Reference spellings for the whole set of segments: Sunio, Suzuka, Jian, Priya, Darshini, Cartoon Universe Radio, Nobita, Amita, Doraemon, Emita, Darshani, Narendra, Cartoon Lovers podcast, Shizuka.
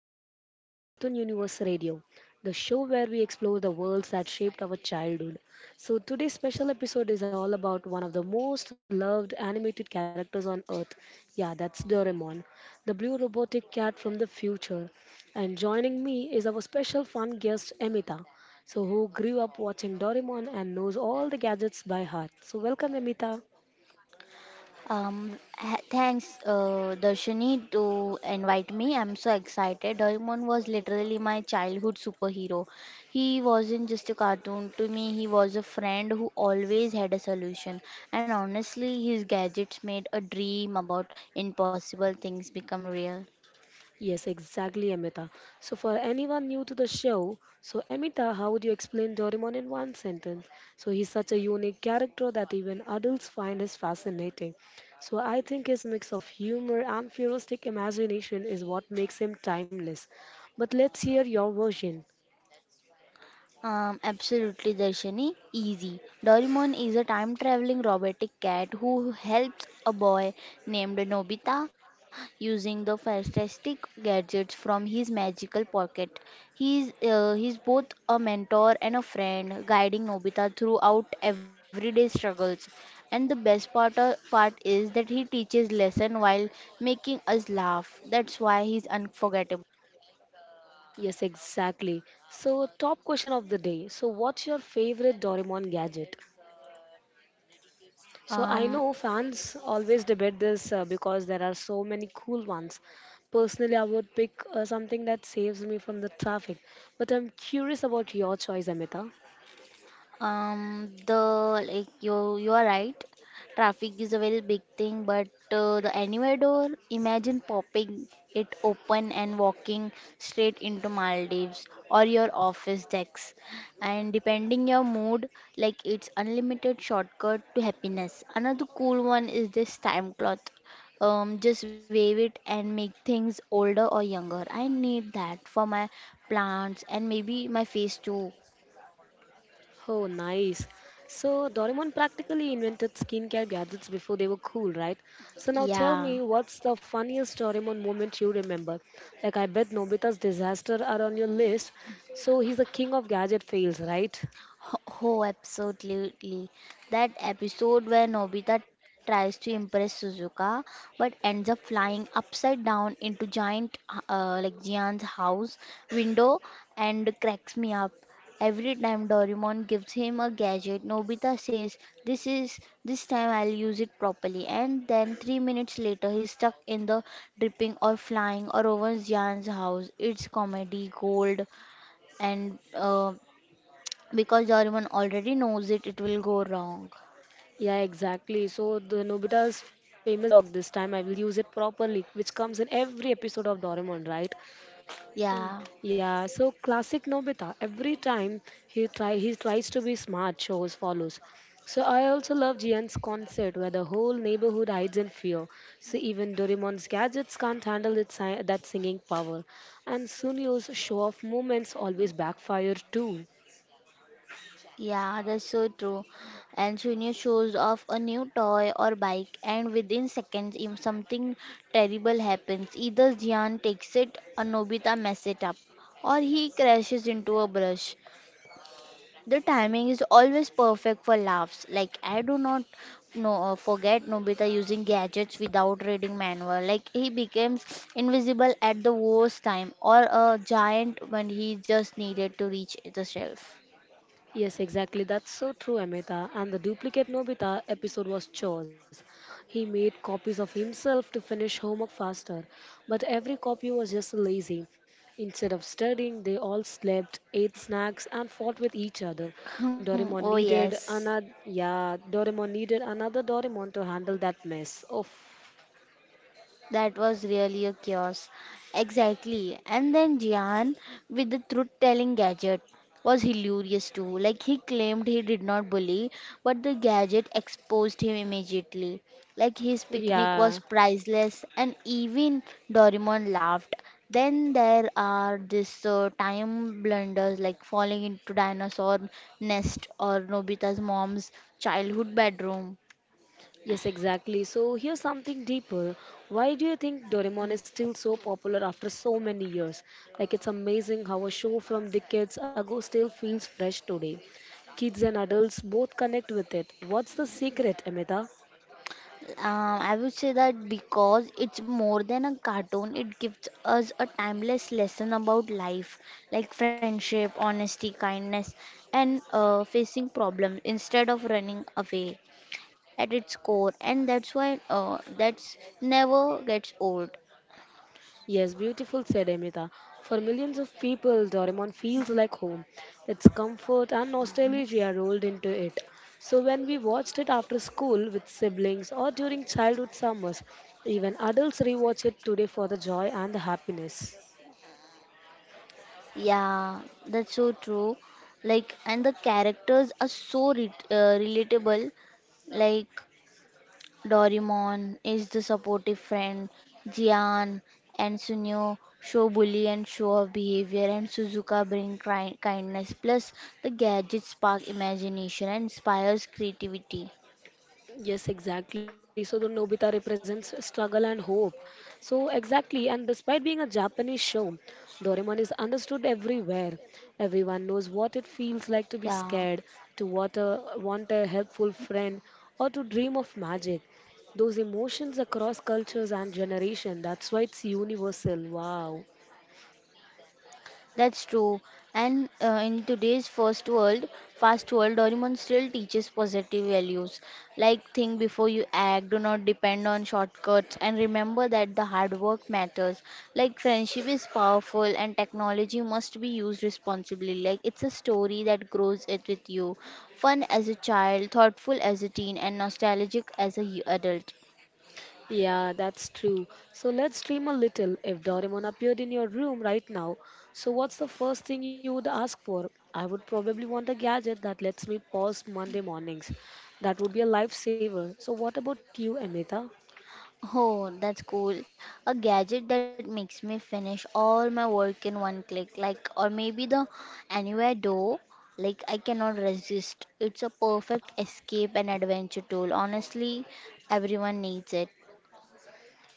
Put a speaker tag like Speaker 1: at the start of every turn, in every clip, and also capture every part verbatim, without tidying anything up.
Speaker 1: So, welcome back to Cartoon Universe Radio, the show where we explore the worlds that shaped our childhood. So, today's special episode is all about one of the most loved animated characters on earth. Yeah, that's Doraemon, the blue robotic cat from the future. And joining me is our special fun guest, Emita. So, who grew up watching Doraemon and knows all the gadgets by heart. So, welcome, Emita.
Speaker 2: Um, ha- thanks, uh, Darshini, to invite me. I'm so excited. Doraemon was literally my childhood superhero. He wasn't just a cartoon to me, he was a friend who always had a solution. And honestly, his gadgets made a dream about impossible things become real.
Speaker 1: Yes, exactly, Amita. So, for anyone new to the show, so Amita, how would you explain Doraemon in one sentence? So, he's such a unique character that even adults find is fascinating. So, I think his mix of humor and futuristic imagination is what makes him timeless. But let's hear your version.
Speaker 2: Um, absolutely, Darshini. Easy. Doraemon is a time traveling robotic cat who helps a boy named Nobita using the fantastic gadgets from his magical pocket. He's uh, he's both a mentor and a friend, guiding Nobita throughout everyday struggles. And the best part uh, part is that he teaches lesson while making us laugh. That's why he's unforgettable.
Speaker 1: Yes, exactly. So, top question of the day. So, what's your favorite Doraemon gadget? So I
Speaker 2: Um,
Speaker 1: know fans always debate this uh, because there are so many cool ones. Personally, I would pick uh, something that saves me from the traffic. But I'm curious about your choice, Amita.
Speaker 2: Um, the like you you are right. Traffic is a very big thing, but uh, the anywhere door, imagine popping it open and walking straight into Maldives or your office decks. And depending your mood, like it's unlimited shortcut to happiness. Another cool one is this time cloth. Um, just wave it and make things older or younger. I need that for my plants and maybe my face too.
Speaker 1: Oh, nice. So Doraemon practically invented skincare gadgets before they were cool, right? So now tell
Speaker 2: Yeah.
Speaker 1: me, what's the funniest Doraemon moment you remember? Like I bet Nobita's disaster are on your list. So he's the king of gadget fails, right?
Speaker 2: Oh, absolutely. That episode where Nobita tries to impress Suzuka but ends up flying upside down into giant uh, like Jian's house window and cracks me up. Every time Doraemon gives him a gadget, Nobita says, "This is this time I'll use it properly." And then three minutes later, he's stuck in the dripping or flying or over Jian's house. It's comedy gold and uh, because everyone already knows it it will go wrong.
Speaker 1: Yeah, exactly. So the Nobita's famous dialogue this time I will use it properly, which comes in every episode of Doraemon, right?
Speaker 2: Yeah,
Speaker 1: Yeah, so classic Nobita. Every time he try he tries to be smart, shows follows. So I also love Jian's concert where the whole neighborhood hides in fear. So even Doraemon's gadgets can't handle its si- that singing power. And Sunyo's show off moments always backfire too.
Speaker 2: yeah, that's so true. And Sonia shows off a new toy or bike and within seconds if something terrible happens either Jian takes it or Nobita messes it up or he crashes into a brush. The timing is always perfect for laughs. Like I do not know, uh, forget Nobita using gadgets without reading manual. Like he becomes invisible at the worst time, or a giant when he just needed to reach the shelf.
Speaker 1: Yes, exactly. That's so true, Amita. And the duplicate Nobita episode was chores. He made copies of himself to finish homework faster, but every copy was just lazy. Instead of studying, they all slept, ate snacks, and fought with each other.
Speaker 2: Hmm, oh
Speaker 1: Doraemon needed
Speaker 2: yes.
Speaker 1: another, yeah, Doraemon needed another Doraemon to handle that mess. Oh,
Speaker 2: That was really a chaos. Exactly. And then Jihan with the truth telling gadget was hilarious too. Like he claimed he did not bully, but the gadget exposed him immediately. Like his picnic was
Speaker 1: yeah.
Speaker 2: priceless and even Doraemon laughed. Then there are this uh, time blunders like falling into dinosaur nest or Nobita's mom's childhood bedroom.
Speaker 1: Yes, exactly. So here's something deeper. Why do you think Doraemon is still so popular after so many years? Like it's amazing how a show from decades ago still feels fresh today. Kids and adults both connect with it. What's the secret, Amita?
Speaker 2: Um, I would say that because it's more than a cartoon, it gives us a timeless lesson about life, like friendship, honesty, kindness, and uh, facing problems instead of running away at its core. And that's why uh, that's never gets old.
Speaker 1: Yes, beautiful said Amita. For millions of people, Doraemon feels like home. Its comfort and nostalgia rolled into it. So when we watched it after school with siblings or during childhood summers, even adults rewatch it today for the joy and the happiness.
Speaker 2: Yeah, that's so true. Like, and the characters are so re uh, relatable. Like Doraemon is the supportive friend. Jian and Sunio show bully and show off behavior, and Suzuka bring cri- kindness. Plus, the gadgets spark imagination and inspires creativity.
Speaker 1: Yes, exactly. So the Nobita represents struggle and hope. So exactly, and despite being a Japanese show, Doraemon is understood everywhere. Everyone knows what it
Speaker 2: Yeah.
Speaker 1: feels like to be scared, to want a, want a helpful friend, or to dream of magic. Those emotions across cultures and generation. That's why it's universal. Wow.
Speaker 2: That's true. And uh, in today's first world, fast world, Doraemon still teaches positive values. Like think before you act, do not depend on shortcuts, and remember that the hard work matters. Like friendship is powerful, and technology must be used responsibly. Like it's a story that grows it with you. Fun as a child, thoughtful as a teen, and nostalgic as a y- adult.
Speaker 1: Yeah, that's true. So let's dream a little. If Doraemon appeared in your room right now, so what's the first thing you would ask for? I would probably want a gadget that lets me pause Monday mornings. That would be a lifesaver. So what about you, Amita?
Speaker 2: Oh, that's cool. A gadget that makes me finish all my work in one click, like, or maybe the Anywhere Door. Like, I cannot resist. It's a perfect escape and adventure tool. Honestly, everyone needs it.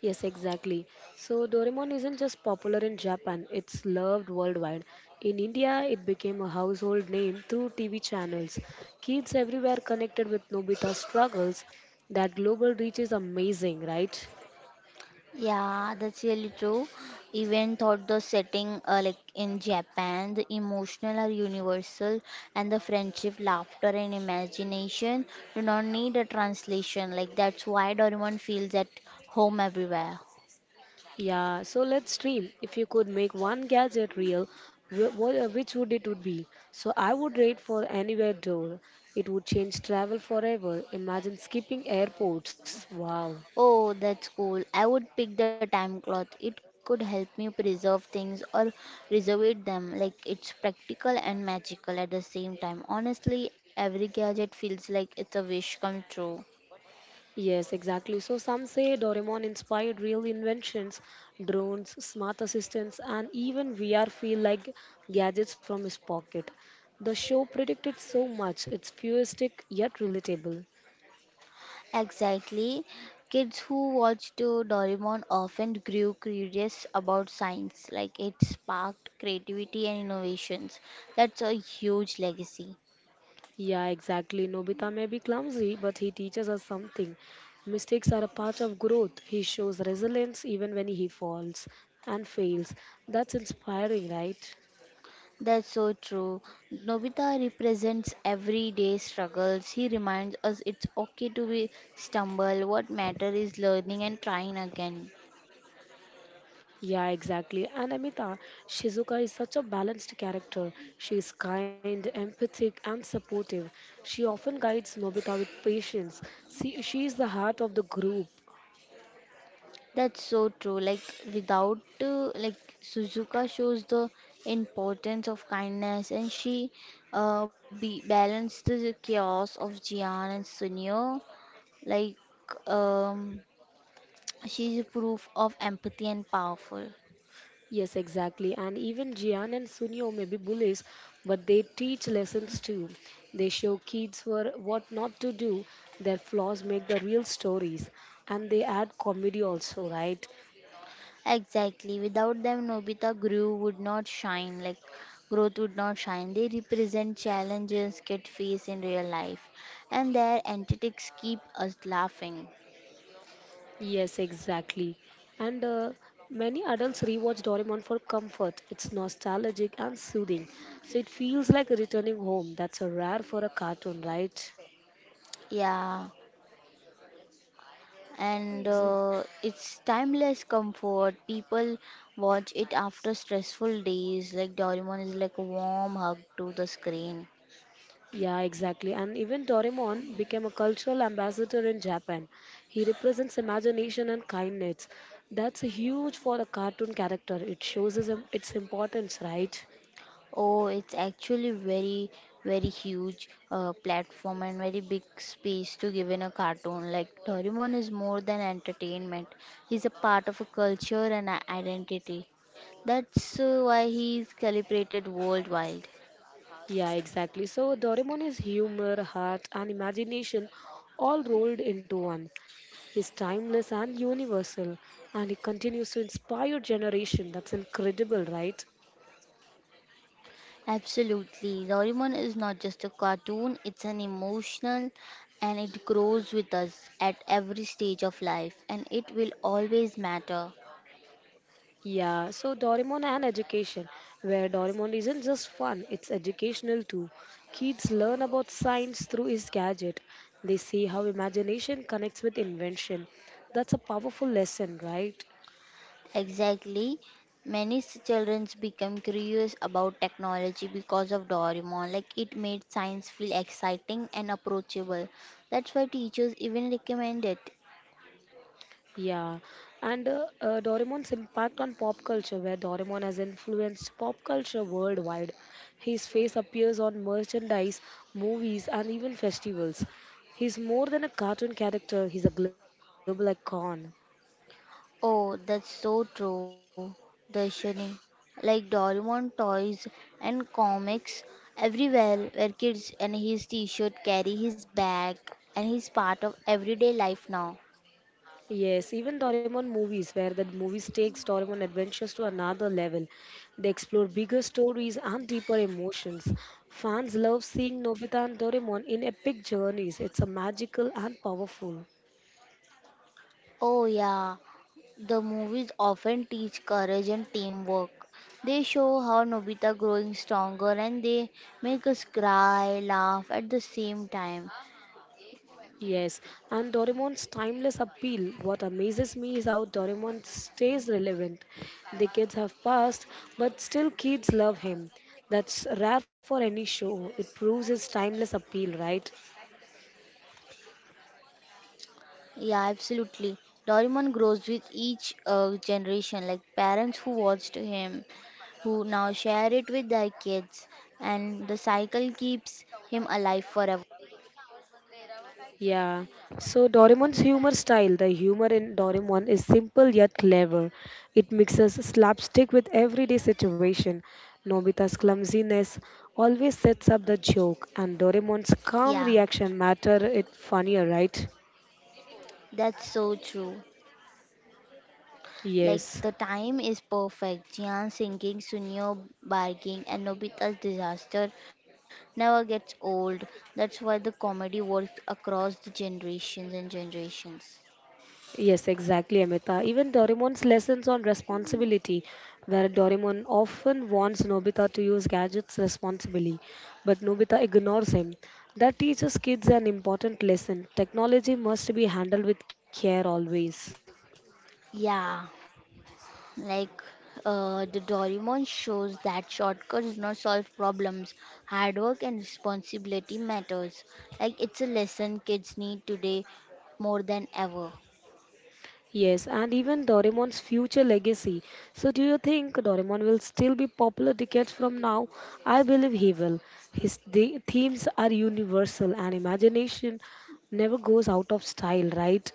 Speaker 1: Yes, exactly. So Doraemon isn't just popular in Japan, it's loved worldwide. In India, it became a household name through T V channels. Kids everywhere connected with Nobita's struggles. That global reach is amazing, right?
Speaker 2: Yeah, that's really true. Even thought the setting, uh, like in Japan, the emotional are universal, and the friendship, laughter, and imagination do not need a translation. Like that's why Doraemon feels at home everywhere.
Speaker 1: Yeah, so let's dream. If you could make one gadget real, wh- what, uh, which would it would be? So I would rate for anywhere door. It would change travel forever. Imagine skipping airports. Wow.
Speaker 2: Oh, that's cool. I would pick the time cloth. It could help me preserve things or reserve them. Like it's practical and magical at the same time. Honestly, every gadget feels like it's a wish come true.
Speaker 1: Yes, exactly. So some say Doraemon inspired real inventions, drones, smart assistants, and even V R feel like gadgets from his pocket. The show predicted so much. It's futuristic yet relatable.
Speaker 2: Exactly. Kids who watched uh, Doraemon often grew curious about science. Like it sparked creativity and innovations. That's a huge legacy.
Speaker 1: Yeah, exactly. Nobita may be clumsy, but he teaches us something. Mistakes are a part of growth. He shows resilience even when he falls and fails. That's inspiring, right?
Speaker 2: That's so true. Nobita represents everyday struggles. He reminds us it's okay to be stumble. What matter is learning and trying again.
Speaker 1: Yeah, exactly. And Amita, Shizuka is such a balanced character. She is kind, empathic, and supportive. She often guides Nobita with patience. See, she is the heart of the group.
Speaker 2: That's so true. Like without uh, like Suzuka shows the importance of kindness and she uh be balanced the chaos of Jian and Sunio. Like um she's a proof of empathy and powerful.
Speaker 1: Yes, exactly. And even Jian and Sunio may be bullies, but they teach lessons too. They show kids for what not to do. Their flaws make the real stories. And they add comedy also, right?
Speaker 2: Exactly. Without them, Nobita grew would not shine. Like growth would not shine. They represent challenges get faced in real life, and their antics keep us laughing.
Speaker 1: Yes, exactly. And uh, many adults rewatch Doraemon for comfort. It's nostalgic and soothing. So it feels like returning home. That's a rare for a cartoon, right?
Speaker 2: Yeah, and uh, it's timeless comfort. People watch it after stressful days. Like Doraemon is like a warm hug to the screen.
Speaker 1: Yeah, exactly. And even Doraemon became a cultural ambassador in Japan. He represents imagination and kindness. That's huge for a cartoon character. It shows his, its importance, right?
Speaker 2: Oh, it's actually very, very huge uh, platform and very big space to give in a cartoon. Like Doraemon is more than entertainment; he's a part of a culture and a identity. That's uh, why he's celebrated worldwide.
Speaker 1: Yeah, exactly. So Doraemon is humor, heart, and imagination all rolled into one. He's timeless and universal, and he continues to inspire generation. That's incredible, right?
Speaker 2: Absolutely, Doraemon is not just a cartoon; it's an emotional, and it grows with us at every stage of life, and it will always matter.
Speaker 1: Yeah, so Doraemon and education, where Doraemon isn't just fun, it's educational too. Kids learn about science through his gadget. They see how imagination connects with invention. That's a powerful lesson, right?
Speaker 2: Exactly. Many s- childrens become curious about technology because of Doraemon. Like it made science feel exciting and approachable. That's why teachers even recommend it.
Speaker 1: Yeah, and uh, uh, Doraemon's impact on pop culture, where Doraemon has influenced pop culture worldwide. His face appears on merchandise, movies, and even festivals. He's more than a cartoon character, he's a global icon.
Speaker 2: Oh, that's so true, Darshini. Like Doraemon toys and comics everywhere where kids and his t-shirt carry his bag and he's part of everyday life now.
Speaker 1: Yes, even Doraemon movies, where the movies takes Doraemon adventures to another level. They explore bigger stories and deeper emotions. Fans love seeing Nobita and Doraemon in epic journeys. It's a magical and powerful.
Speaker 2: Oh, yeah. The movies often teach courage and teamwork. They show how Nobita growing stronger and they make us cry, laugh at the same time.
Speaker 1: Yes, and Doraemon's timeless appeal. What amazes me is how Doraemon stays relevant. The kids have passed, but still kids love him. That's rare for any show. It proves his timeless appeal, right?
Speaker 2: Yeah, absolutely. Doraemon grows with each uh, generation, like parents who watched him, who now share it with their kids, and the cycle keeps him alive forever.
Speaker 1: Yeah. So Doraemon's humor style, the humor in Doraemon is simple yet clever. It mixes slapstick with everyday situation. Nobita's clumsiness always sets up the joke, and Doraemon's calm
Speaker 2: Yeah,
Speaker 1: reaction matter it funnier, right?
Speaker 2: that's so true. Like
Speaker 1: Yes.
Speaker 2: the time is perfect. Jian singing, Sunio barking, and Nobita's disaster never gets old. That's why the comedy works across the generations and generations.
Speaker 1: Yes, exactly, Amita. Even Doraemon's lessons on responsibility, where Doraemon often warns Nobita to use gadgets responsibly, but Nobita ignores him. That teaches kids an important lesson. Technology must be handled with care always.
Speaker 2: Yeah, like uh, the Doraemon shows that shortcuts do not solve problems. Hard work and responsibility matters. Like it's a lesson kids need today more than ever.
Speaker 1: Yes, and even Doraemon's future legacy. So, do you think Doraemon will still be popular decades from now? I believe he will. His The themes are universal and imagination never goes out of style, right?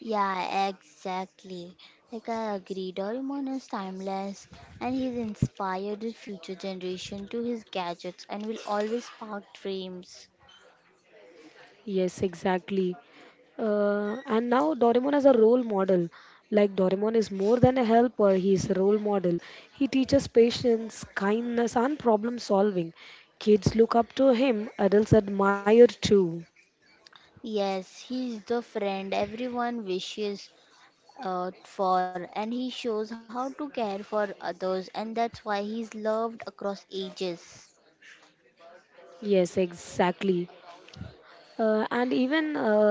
Speaker 2: Yeah, exactly. Like I agree, Doraemon is timeless and he's inspired the future generation to his gadgets and will always spark dreams.
Speaker 1: Yes, exactly. Uh, and now Doraemon is a role model. Like Doraemon is more than a helper, he is a role model. He teaches patience, kindness, and problem solving. Kids look up to him, adults admire too.
Speaker 2: Yes, he's the friend everyone wishes uh, for and he shows how to care for others and that's why he's loved across ages.
Speaker 1: Yes, exactly. Uh, and even uh,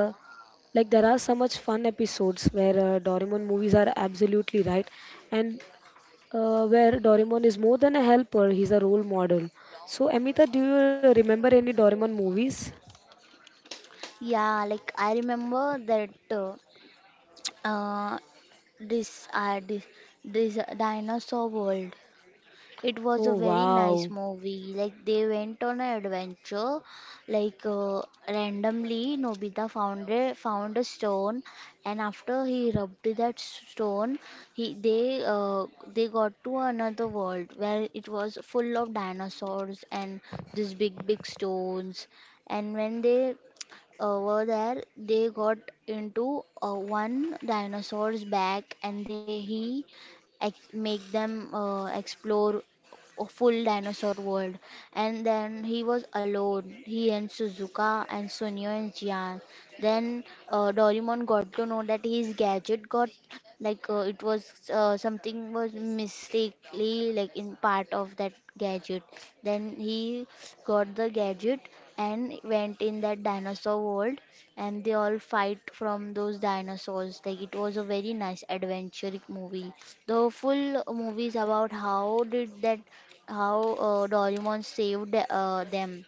Speaker 1: like there are so much fun episodes where uh, Doraemon movies are absolutely right, and uh, where Doraemon is more than a helper, he's a role model. So, Amita, do you remember any Doraemon movies?
Speaker 2: Yeah, like I remember that uh, uh, this uh, this this dinosaur world. It was a
Speaker 1: Oh,
Speaker 2: very nice
Speaker 1: wow.
Speaker 2: movie. Like they went on an adventure. Like uh, randomly, Nobita found a found a stone, and after he rubbed that stone, he they uh, they got to another world where it was full of dinosaurs and these big big stones. And when they over there they got into uh, one dinosaur's back and they he ex- make them uh, explore a full dinosaur world and then he was alone, he and Suzuka and Sunio and Jian. Then uh, Doraemon got to know that his gadget got like uh, it was uh, something was mistakenly like in part of that gadget. Then he got the gadget and went in that dinosaur world and they all fight from those dinosaurs. Like it was a very nice adventuric movie. The full movie is about how did that how uh, Doraemon saved uh, them.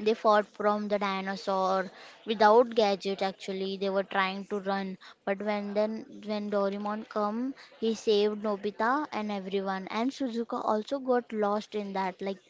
Speaker 2: They fought from the dinosaur without gadget actually. They were trying to run, but when then when Doraemon come, he saved Nobita and everyone. And Suzuka also got lost in that. Like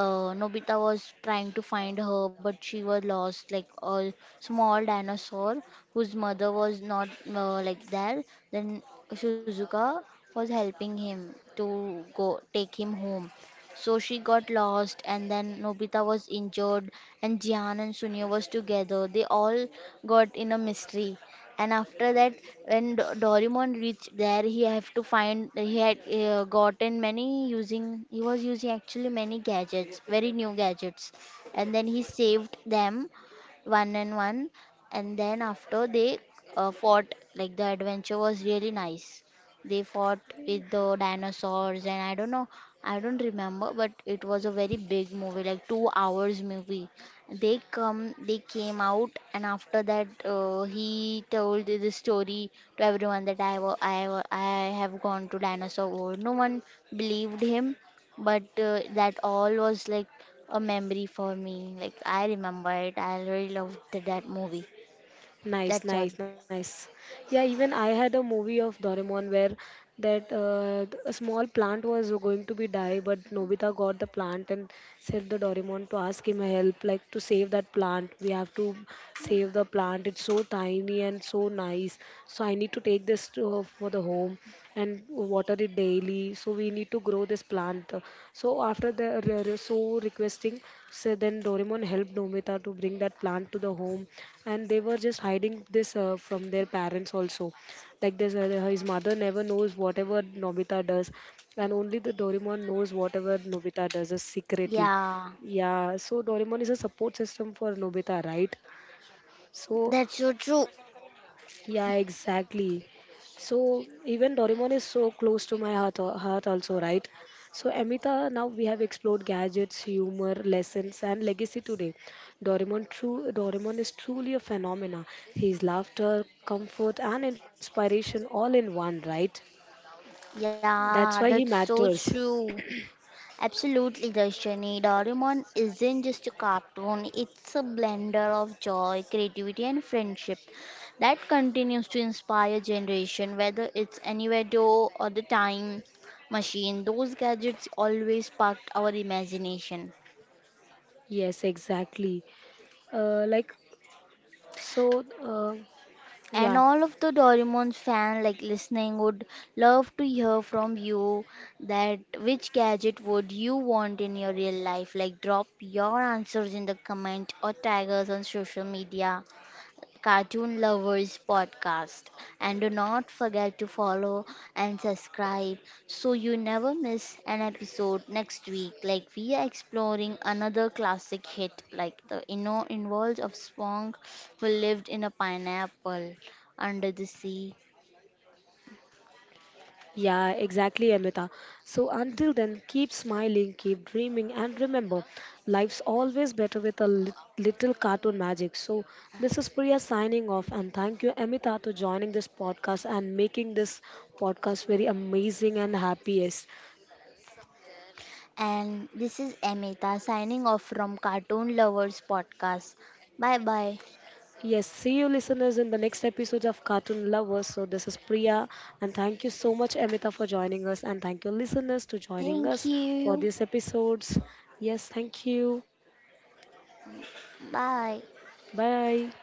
Speaker 2: uh, Nobita was trying to find her, but she was lost, like a small dinosaur whose mother was not uh, like there. Then Suzuka was helping him to go take him home, so she got lost, and then Nobita was injured, and Jihan and Sunio was together. They all got in a mystery. And after that, when Do- Doraemon reached there, he have to find he had uh, gotten many using he was using actually many gadgets, very new gadgets, and then he saved them one and one, and then after they uh, fought. Like the adventure was really nice. They fought with the dinosaurs and I don't know, I don't remember, but it was a very big movie, like two hours movie. They come, they came out, and after that, uh, he told the story to everyone that I wa- I wa- I have gone to dinosaur world. No one believed him, but uh, that all was like a memory for me. Like I remember it. I really loved that movie. That's all.
Speaker 1: Nice, nice, nice. Yeah, even I had a movie of Doraemon where that uh, th- a small plant was going to be die, but Nobita got the plant and said the Doraemon to ask him help, like to save that plant. We have to save the plant. It's so tiny and so nice. So so I need to take this to, uh, for the home and water it daily, so we need to grow this plant. So after the re- re- so requesting, so then doraemon helped nobita to bring that plant to the home, and they were just hiding this uh, from their parents also, like this uh, his mother never knows whatever nobita does, and only the doraemon knows whatever nobita does uh, secretly.
Speaker 2: Yeah,
Speaker 1: Yeah, so doraemon is a support system for nobita, right? so
Speaker 2: that's so true.
Speaker 1: yeah, exactly. So even Doraemon is so close to my heart, heart also, right? So Amita, now we have explored gadgets, humor, lessons, and legacy today. Doraemon true Doraemon is truly a phenomena. His laughter, comfort, and inspiration all in one, right? That's why he
Speaker 2: Yeah, that's
Speaker 1: matters.
Speaker 2: so true. Absolutely, Darshani. Doraemon isn't just a cartoon, it's a blender of joy, creativity, and friendship that continues to inspire generation, whether it's Anivado or the time machine. Those gadgets always sparked our imagination.
Speaker 1: Yes, exactly. Uh, like so, uh,
Speaker 2: And
Speaker 1: yeah.
Speaker 2: all of the Doraemon fan like listening would love to hear from you that which gadget would you want in your real life? Like drop your answers in the comment or tag us on social media. Cartoon Lovers podcast. And do not forget to follow and subscribe so you never miss an episode next week. Like we are exploring another classic hit, like the inno involves of Spong who lived in a pineapple under the sea.
Speaker 1: Yeah, exactly, Amita. So until then, keep smiling, keep dreaming, and remember, life's always better with a lit- little cartoon magic. So this is Priya signing off, and thank you, Amita, to joining this podcast and making this podcast very amazing and happiest.
Speaker 2: And this is Amita signing off from Cartoon Lovers podcast. Bye bye.
Speaker 1: Yes, Yes, see you, listeners, in the next episode of Cartoon Lovers. So this is Priya, and thank you so much, Amita, for joining us, and thank you, listeners, to joining
Speaker 2: Thank
Speaker 1: us for
Speaker 2: you.
Speaker 1: these episodes. Yes, thank you.
Speaker 2: Bye.
Speaker 1: Bye.